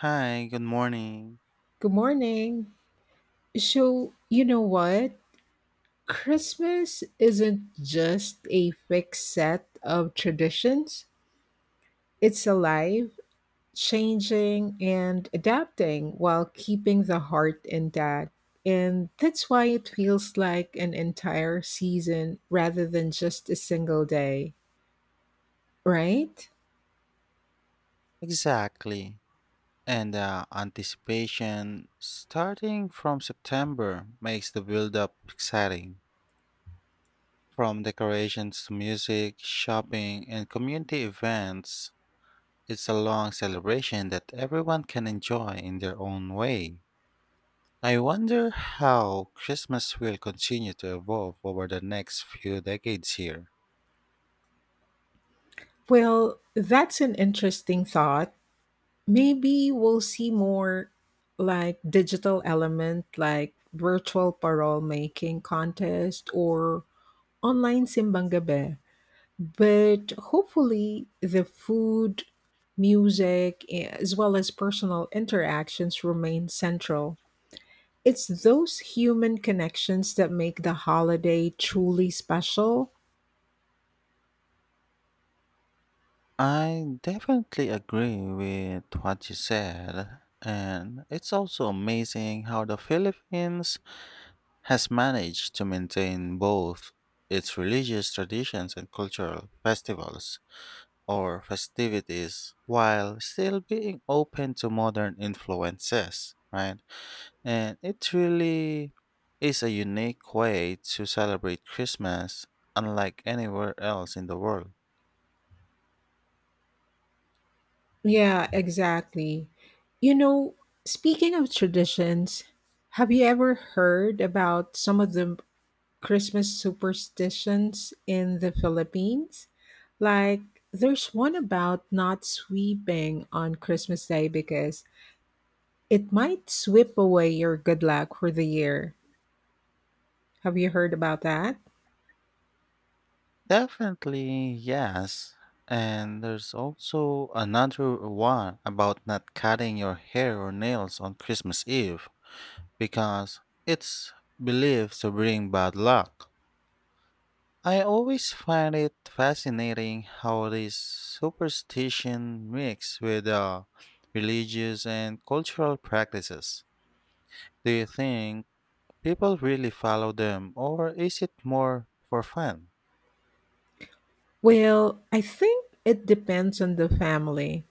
Hi, good morning. Good morning. So, you know what? Christmas isn't just a fixed set of traditions, it's alive, changing, and adapting while keeping the heart intact. And that's why it feels like an entire season rather than just a single day, right? Exactly. And the anticipation starting from September makes the build up exciting. From decorations to music, shopping, and community events, it's a long celebration that everyone can enjoy in their own way. I wonder how Christmas will continue to evolve over the next few decades here. Well, that's an interesting thought, maybe we'll see more like digital element, like virtual parole making contest or online simbang gabi, but hopefully the food, music, as well as personal interactions remain central. It's those human connections that make the holiday truly special. I definitely agree with what you said, and it's also amazing how the Philippines has managed to maintain both its religious traditions and cultural festivals or festivities while still being open to modern influences, right? And it really is a unique way to celebrate Christmas unlike anywhere else in the world. Yeah, exactly. You know, speaking of traditions, have you ever heard about some of the Christmas superstitions in the Philippines? Like, there's one about not sweeping on Christmas Day because it might sweep away your good luck for the year. Have you heard about that? Definitely, yes. And there's also another one about not cutting your hair or nails on Christmas Eve because it's believed to bring bad luck. I always find it fascinating how this superstition mix with religious and cultural practices. Do you think people really follow them or is it more for fun? Well, I think it depends on the family.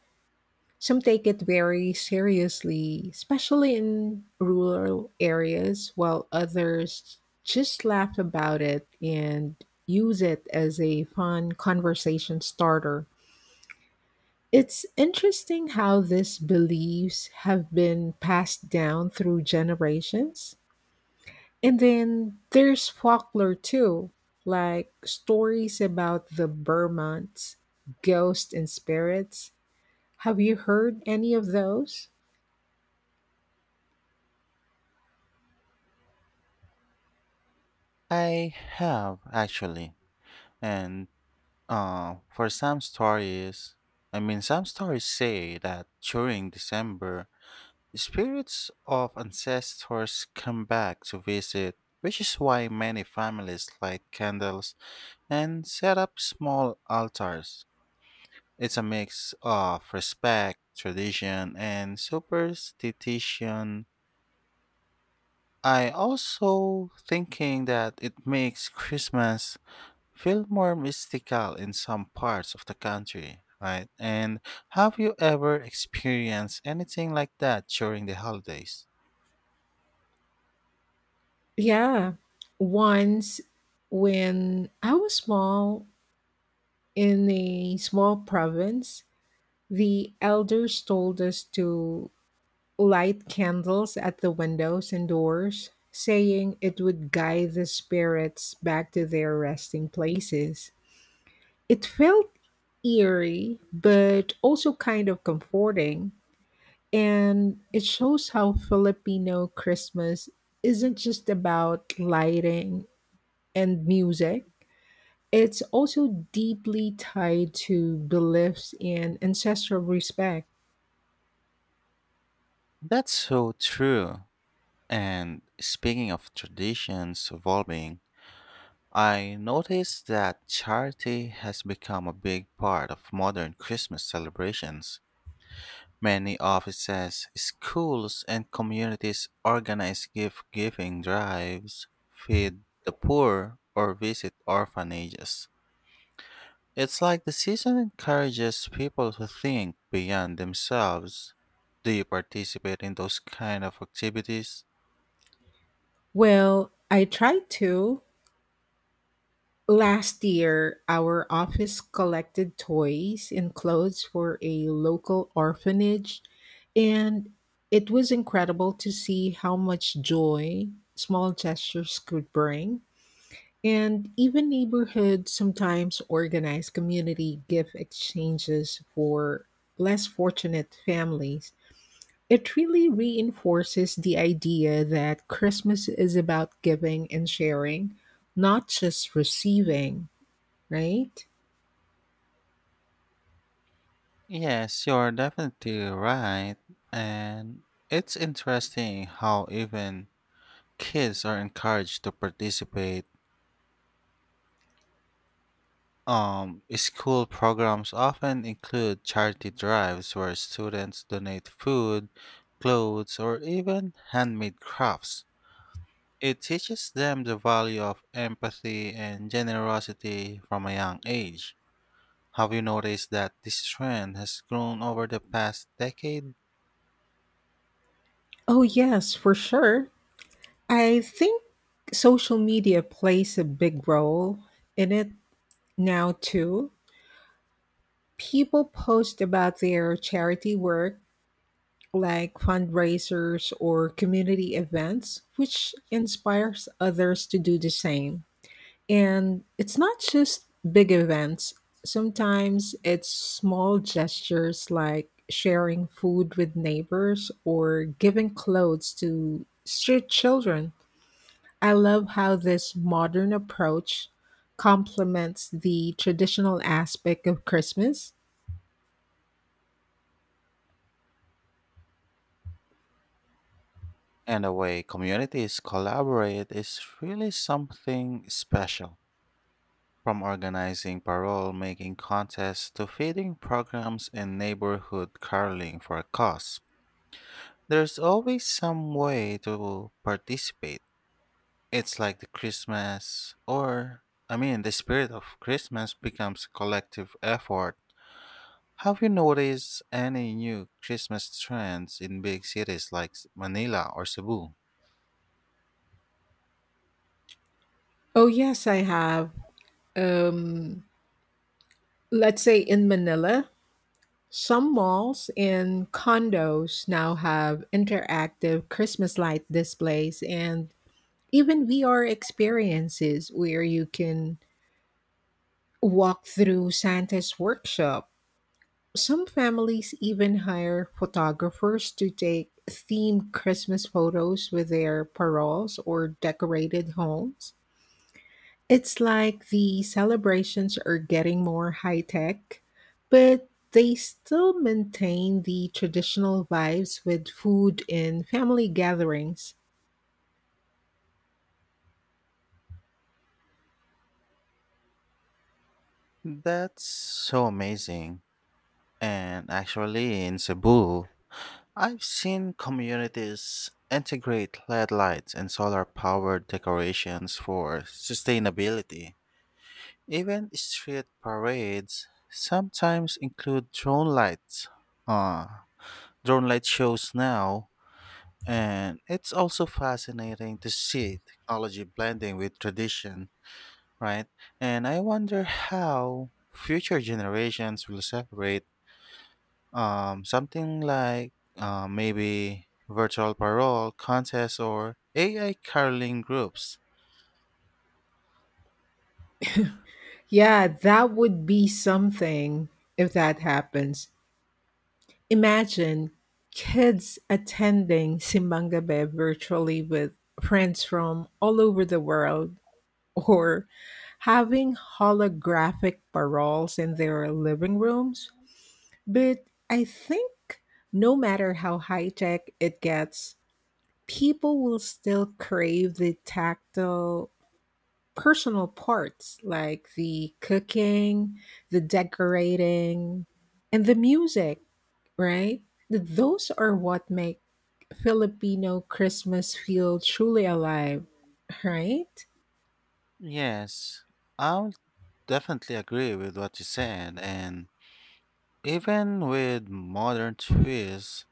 Some take it very seriously, especially in rural areas, while others just laugh about it and use it as a fun conversation starter. It's interesting how these beliefs have been passed down through generations. And then there's folklore too, like stories about the Burmonts' ghosts and spirits. Have you heard any of those? I have actually. And for some stories, I mean, some stories say that during December, the spirits of ancestors come back to visit, which is why many families light candles and set up small altars. It's a mix of respect, tradition, and superstition. I also thinking that it makes Christmas feel more mystical in some parts of the country, right? And have you ever experienced anything like that during the holidays? Yeah. Once when I was small in a small province, the elders told us to light candles at the windows and doors, saying it would guide the spirits back to their resting places. It felt eerie, but also kind of comforting. And it shows how Filipino Christmas isn't just about lighting and music. It's also deeply tied to beliefs and ancestral respect. That's so true. And speaking of traditions evolving, I noticed that charity has become a big part of modern Christmas celebrations. Many offices, schools, and communities organize gift giving drives, feed the poor, or visit orphanages. It's like the season encourages people to think beyond themselves. Do you participate in those kind of activities? Well, I tried to. Last year, our office collected toys and clothes for a local orphanage, and it was incredible to see how much joy small gestures could bring. And even neighborhoods sometimes organize community gift exchanges for less fortunate families. It really reinforces the idea that Christmas is about giving and sharing, not just receiving. Right? Yes, you're definitely right. And it's interesting how even kids are encouraged to participate. School programs often include charity drives where students donate food, clothes, or even handmade crafts. It teaches them the value of empathy and generosity from a young age. Have you noticed that this trend has grown over the past decade? Oh, yes, for sure. I think social media plays a big role in it now, too. People post about their charity work, like fundraisers or community events, which inspires others to do the same. And it's not just big events, sometimes it's small gestures like sharing food with neighbors or giving clothes to street children. I love how this modern approach complements the traditional aspect of Christmas. And the way communities collaborate is really something special. From organizing parole making contests to feeding programs and neighborhood caroling for a cause, there's always some way to participate. It's like the Christmas, or I mean, the spirit of Christmas becomes a collective effort. Have you noticed any new Christmas trends in big cities like Manila or Cebu? Oh, yes, I have. Um, let's say in Manila, some malls and condos now have interactive Christmas light displays and even VR experiences where you can walk through Santa's workshop. Some families even hire photographers to take themed Christmas photos with their paroles or decorated homes. It's like the celebrations are getting more high tech, but they still maintain the traditional vibes with food and family gatherings. That's so amazing. And actually, in Cebu, I've seen communities integrate LED lights and solar powered decorations for sustainability. Even street parades sometimes include drone lights. Uh, drone light shows now, and it's also fascinating to see technology blending with tradition, right? And I wonder how future generations will celebrate something like maybe virtual parole contests or AI caroling groups. Yeah, that would be something if that happens. Imagine kids attending simbang Gabi virtually with friends from all over the world, or having holographic paroles in their living rooms. But I think no matter how high tech it gets, people will still crave the tactile personal parts like the cooking, the decorating, and the music, right? Those are what make Filipino Christmas feel truly alive, right? Yes, I'll definitely agree with what you said, and even with modern twists,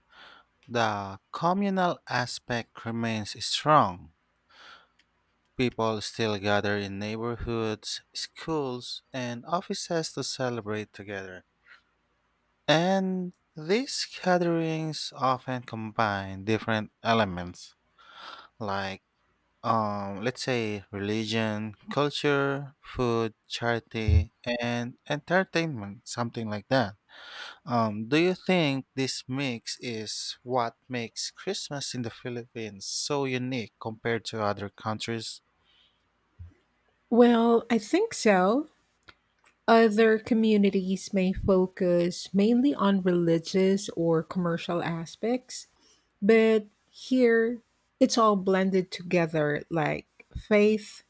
the communal aspect remains strong. People still gather in neighborhoods, schools, and offices to celebrate together. And these gatherings often combine different elements like let's say religion, culture, food, charity, and entertainment, something like that. Do you think this mix is what makes Christmas in the Philippines so unique compared to other countries? Well, I think so. Other communities may focus mainly on religious or commercial aspects, but here it's all blended together, like faith,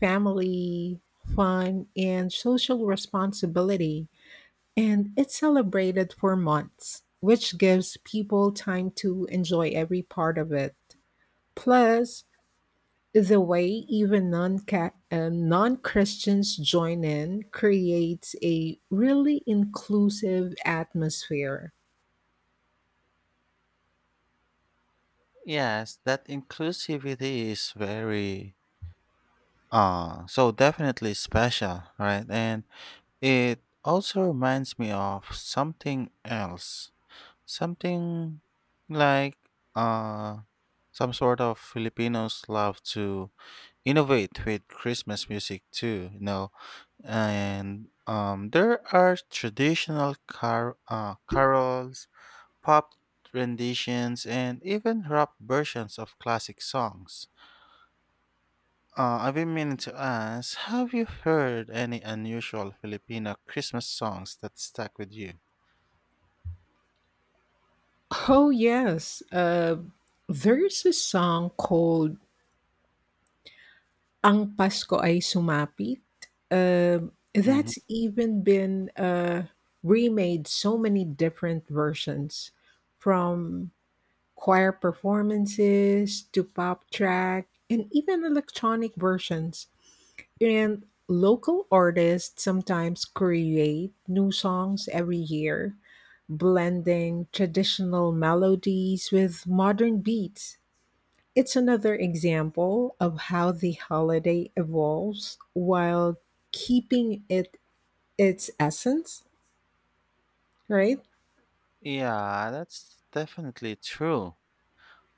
family, fun, and social responsibility. And it's celebrated for months, which gives people time to enjoy every part of it. Plus, the way even non Christians join in creates a really inclusive atmosphere. Yes, that inclusivity is very so definitely special, right? And it also reminds me of something else. Something like uh some sort of Filipinos love to innovate with Christmas music too, you know. And there are traditional carols, pop renditions and even rap versions of classic songs. I've been meaning to ask, have you heard any unusual Filipino Christmas songs that stuck with you? Oh, yes. There's a song called Ang Pasko ay sumapit, Hmm. that's even been remade so many different versions, from choir performances to pop track and even electronic versions. And local artists sometimes create new songs every year, blending traditional melodies with modern beats. It's another example of how the holiday evolves while keeping it its essence, right? Yeah, that's definitely true.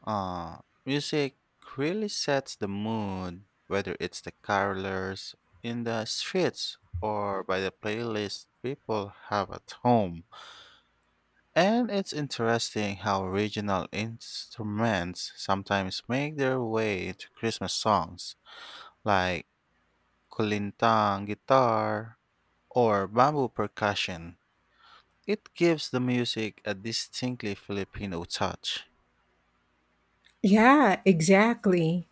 Uh, Music really sets the mood, whether it's the carolers in the streets or by the playlist people have at home. And it's interesting how regional instruments sometimes make their way into Christmas songs, like kulintang guitar or bamboo percussion. It gives the music a distinctly Filipino touch. Yeah, exactly.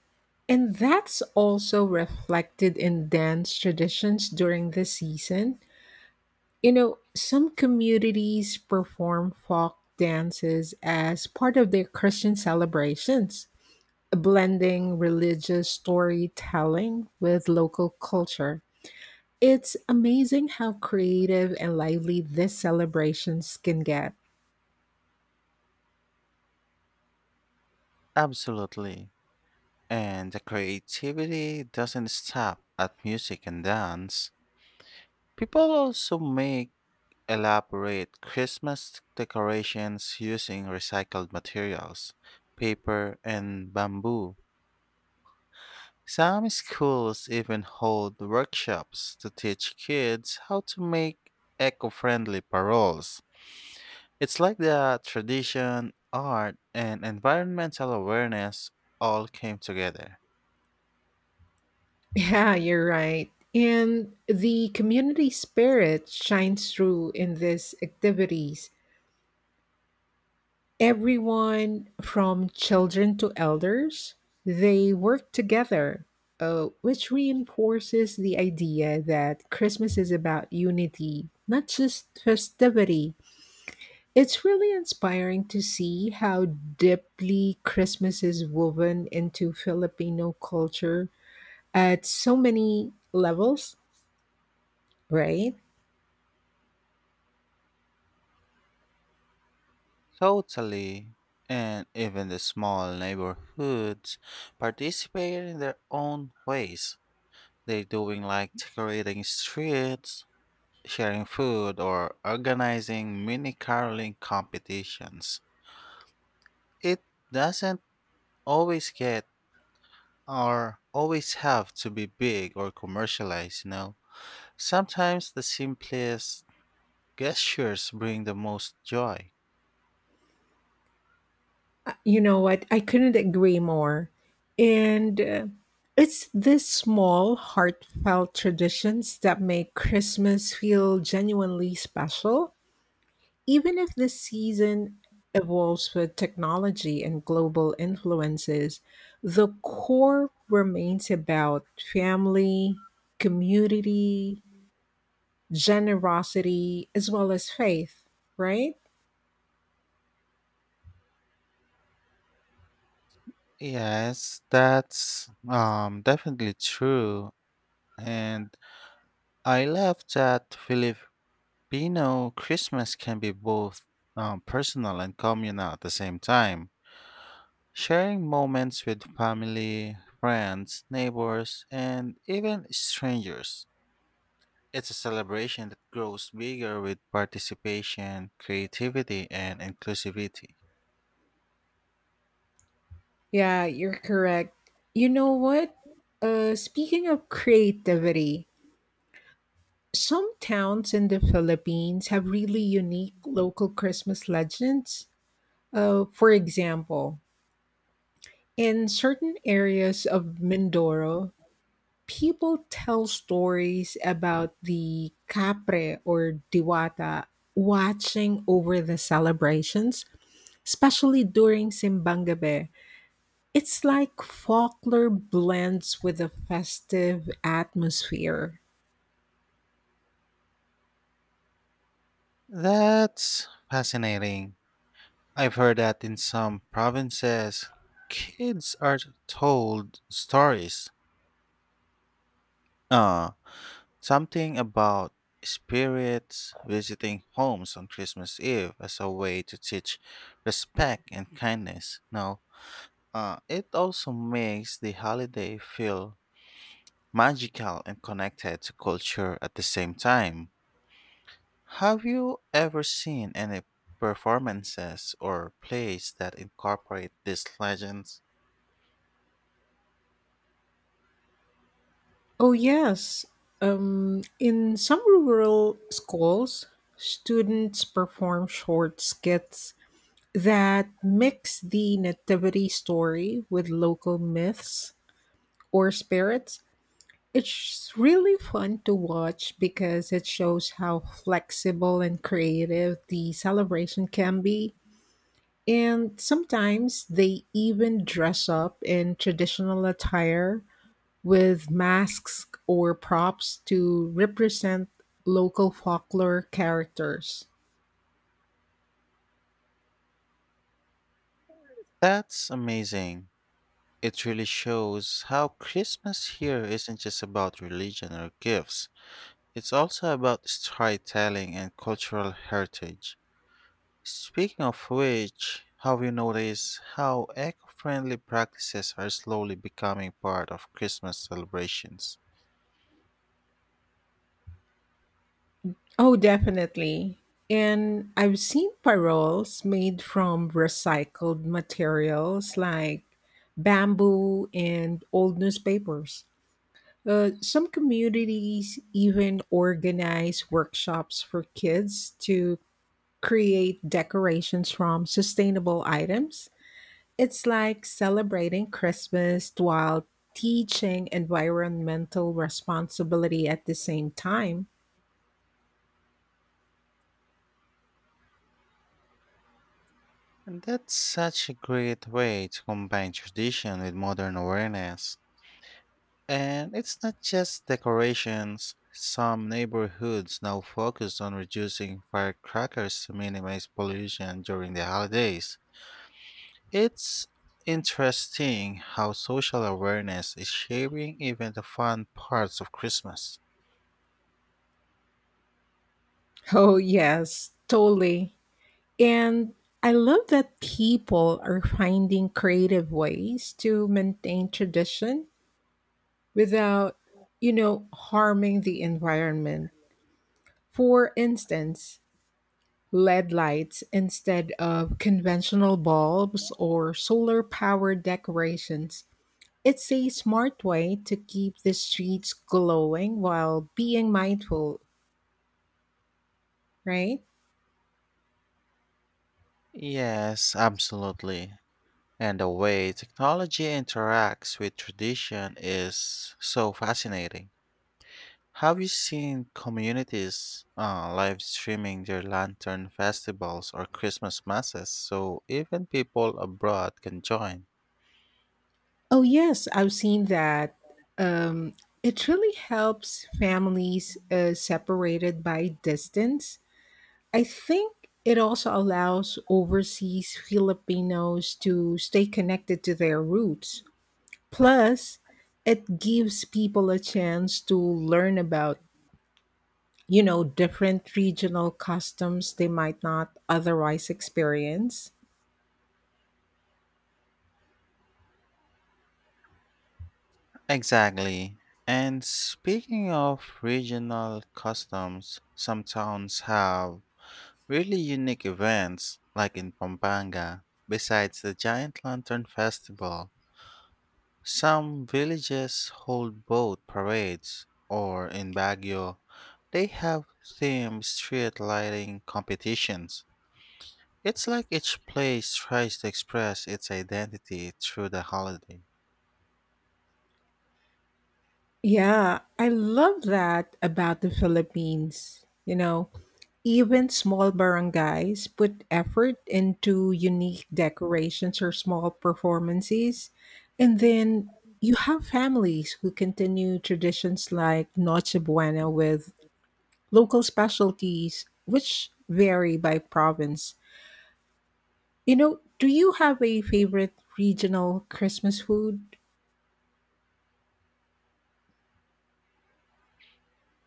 And that's also reflected in dance traditions during the season. You know, some communities perform folk dances as part of their Christian celebrations, blending religious storytelling with local culture. It's amazing how creative and lively these celebrations can get. Absolutely. And the creativity doesn't stop at music and dance. People also make elaborate Christmas decorations using recycled materials, paper, and bamboo. Some schools even hold workshops to teach kids how to make eco friendly paroles. It's like the tradition, art, and environmental awareness all came together. Yeah, you're right. And the community spirit shines through in these activities. Everyone from children to elders, they work together, which reinforces the idea that Christmas is about unity, not just festivity. It's really inspiring to see how deeply Christmas is woven into Filipino culture at so many levels, right? Totally. And even the small neighborhoods participate in their own ways. They're doing like decorating streets, sharing food, or organizing mini caroling competitions. It doesn't always get or always have to be big or commercialized, you know. Sometimes the simplest gestures bring the most joy. You know what? I couldn't agree more. And it's these small, heartfelt traditions that make Christmas feel genuinely special. Even if this season evolves with technology and global influences, the core remains about family, community, generosity, as well as faith, right? Yes, that's definitely true. And I love that Filipino Christmas can be both personal and communal at the same time. Sharing moments with family, friends, neighbors, and even strangers. It's a celebration that grows bigger with participation, creativity, and inclusivity. Yeah, you're correct. You know what? Speaking of creativity, some towns in the Philippines have really unique local Christmas legends. For example, in certain areas of Mindoro, people tell stories about the capre or diwata watching over the celebrations, especially during Simbangabe. It's like folklore blends with a festive atmosphere. That's fascinating. I've heard that in some provinces, kids are told stories uh, Something about spirits visiting homes on Christmas Eve as a way to teach respect and kindness. Now, it also makes the holiday feel magical and connected to culture at the same time. Have you ever seen any performances or plays that incorporate these legends? Oh, yes. In some rural schools, students perform short skits that mix the nativity story with local myths or spirits. It's really fun to watch because it shows how flexible and creative the celebration can be. And sometimes they even dress up in traditional attire with masks or props to represent local folklore characters. That's amazing. It really shows how Christmas here isn't just about religion or gifts. It's also about storytelling and cultural heritage. Speaking of which, have you noticed how eco friendly practices are slowly becoming part of Christmas celebrations? Oh, definitely. And I've seen paroles made from recycled materials like bamboo and old newspapers. Some communities even organize workshops for kids to create decorations from sustainable items. It's like celebrating Christmas while teaching environmental responsibility at the same time. And that's such a great way to combine tradition with modern awareness. And it's not just decorations. Some neighborhoods now focus on reducing firecrackers to minimize pollution during the holidays. It's interesting how social awareness is shaping even the fun parts of Christmas. Oh, yes, totally. And I love that people are finding creative ways to maintain tradition without, you know, harming the environment. For instance, LED lights instead of conventional bulbs or solar powered decorations. It's a smart way to keep the streets glowing while being mindful, right? Yes, absolutely. And the way technology interacts with tradition is so fascinating. Have you seen communities live streaming their lantern festivals or Christmas masses so even people abroad can join? Oh, yes, I've seen that. Um, it really helps families separated by distance. I think it also allows overseas Filipinos to stay connected to their roots. Plus, it gives people a chance to learn about, you know, different regional customs they might not otherwise experience. Exactly. And speaking of regional customs, some towns have really unique events, like in Pampanga. Besides the Giant Lantern Festival, some villages hold boat parades, or in Baguio, they have themed street lighting competitions. It's like each place tries to express its identity through the holiday. Yeah, I love that about the Philippines. You know, even small barangays put effort into unique decorations or small performances. And then you have families who continue traditions like Noche Buena with local specialties, which vary by province. You know, do you have a favorite regional Christmas food?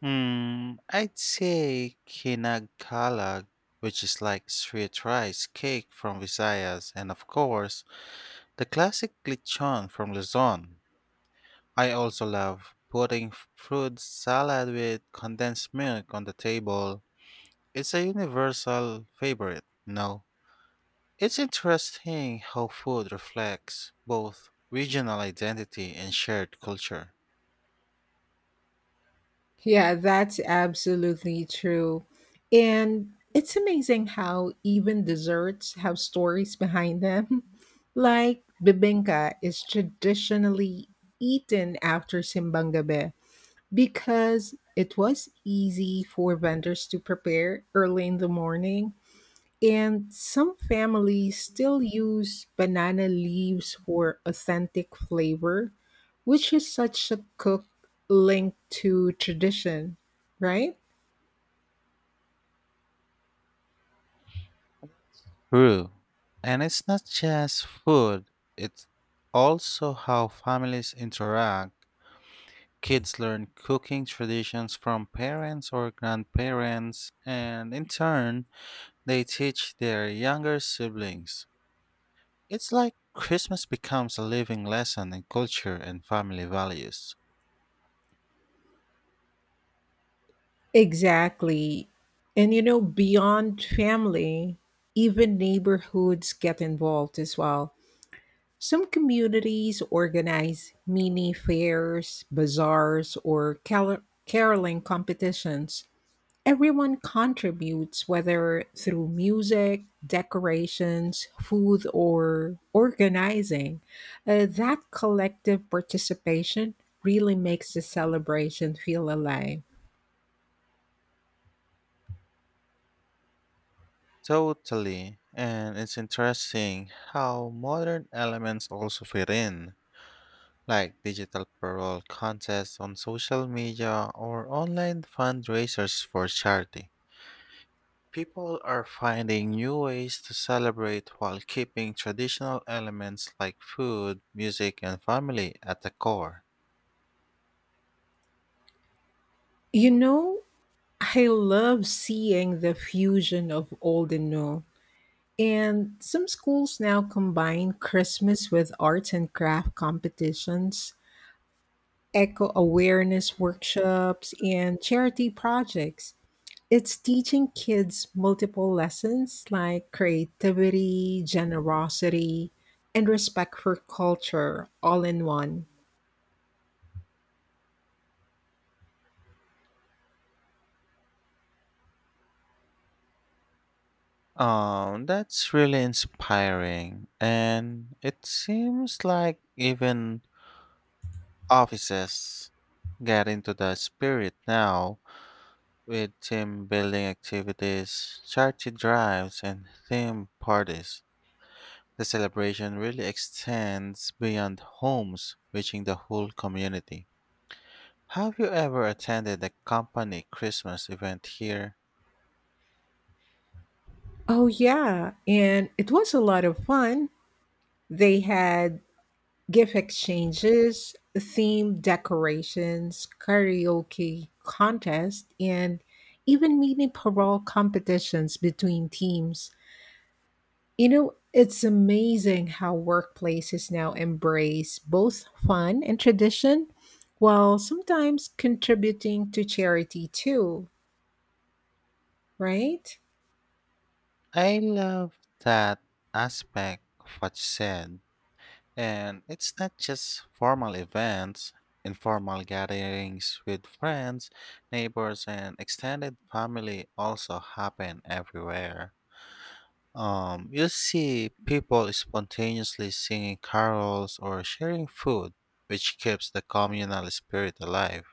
Hmm, I'd say kinagkalag, which is like sweet rice cake from Visayas, and of course, the classic lechon from Luzon. I also love putting fruit salad with condensed milk on the table. It's a universal favorite, no? It's interesting how food reflects both regional identity and shared culture. Yeah, that's absolutely true. And it's amazing how even desserts have stories behind them. Like bibinka is traditionally eaten after simbang gabi because it was easy for vendors to prepare early in the morning, and some families still use banana leaves for authentic flavor, which is such a cook link to tradition, right? True. And it's not just food, it's also how families interact. Kids learn cooking traditions from parents or grandparents, and in turn, they teach their younger siblings. It's like Christmas becomes a living lesson in culture and family values. Exactly. And you know, beyond family, even neighborhoods get involved as well. Some communities organize mini fairs, bazaars, or caroling competitions. Everyone contributes, whether through music, decorations, food, or organizing. That collective participation really makes the celebration feel alive. Totally. And it's interesting how modern elements also fit in, like digital parole contests on social media or online fundraisers for charity. People are finding new ways to celebrate while keeping traditional elements like food, music, and family at the core. You know, I love seeing the fusion of old and new. And some schools now combine Christmas with arts and craft competitions, eco awareness workshops, and charity projects. It's teaching kids multiple lessons like creativity, generosity, and respect for culture all in one. That's really inspiring, and it seems like even offices get into the spirit now with team building activities, charity drives, and theme parties. The celebration really extends beyond homes, reaching the whole community. Have you ever attended a company Christmas event here? Oh, yeah. And it was a lot of fun. They had gift exchanges, theme decorations, karaoke contest, and even mini parole competitions between teams. You know, it's amazing how workplaces now embrace both fun and tradition while sometimes contributing to charity too, right? I love that aspect of what you said. And it's not just formal events, informal gatherings with friends, neighbors, and extended family also happen everywhere. You see people spontaneously singing carols or sharing food, which keeps the communal spirit alive.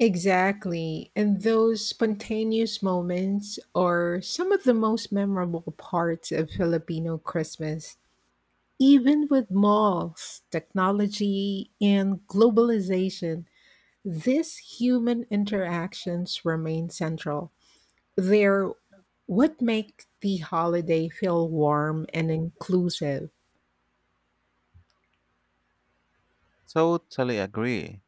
Exactly. And those spontaneous moments are some of the most memorable parts of Filipino Christmas. Even with malls, technology, and globalization, these human interactions remain central. They're what make the holiday feel warm and inclusive. Totally agree.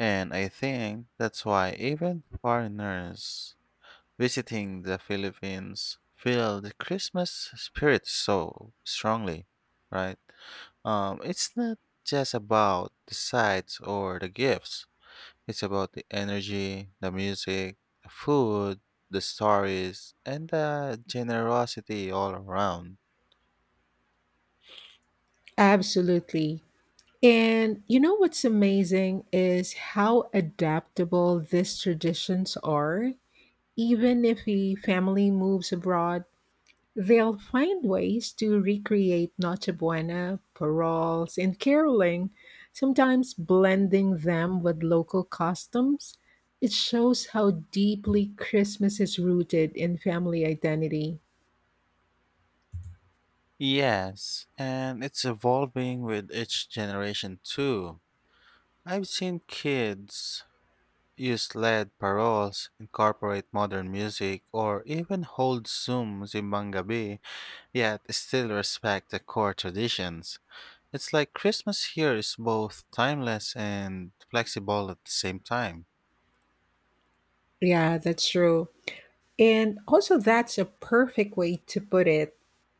And I think that's why even foreigners visiting the Philippines feel the Christmas spirit so strongly, right? It's not just about the sights or the gifts. It's about the energy, the music, the food, the stories, and the generosity all around. Absolutely. And you know what's amazing is how adaptable these traditions are. Even if a family moves abroad, they'll find ways to recreate Noche Buena, paroles, and caroling, sometimes blending them with local customs. It shows how deeply Christmas is rooted in family identity. Yes, and it's evolving with each generation too. I've seen kids use LED paroles, incorporate modern music, or even hold Zoom Zimbang Gabi, yet still respect the core traditions. It's like Christmas here is both timeless and flexible at the same time. Yeah, that's true. And also, that's a perfect way to put it.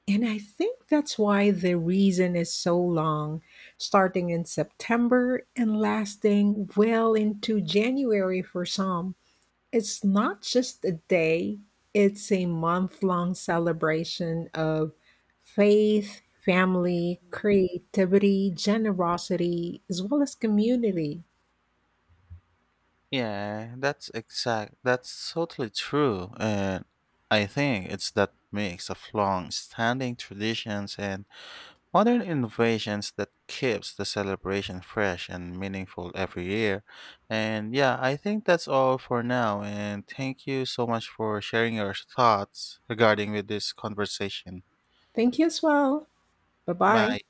And I think that's why the reason is so long, starting in September and lasting well into January for some. It's not just a day, it's a month long celebration of faith, family, creativity, generosity, as well as community. Yeah, that's exact. That's totally true. And I think it's that mix of long standing traditions and modern innovations that keeps the celebration fresh and meaningful every year. And yeah, I think that's all for now. And thank you so much for sharing your thoughts regarding with this conversation. Thank you as well. Bye bye. Bye.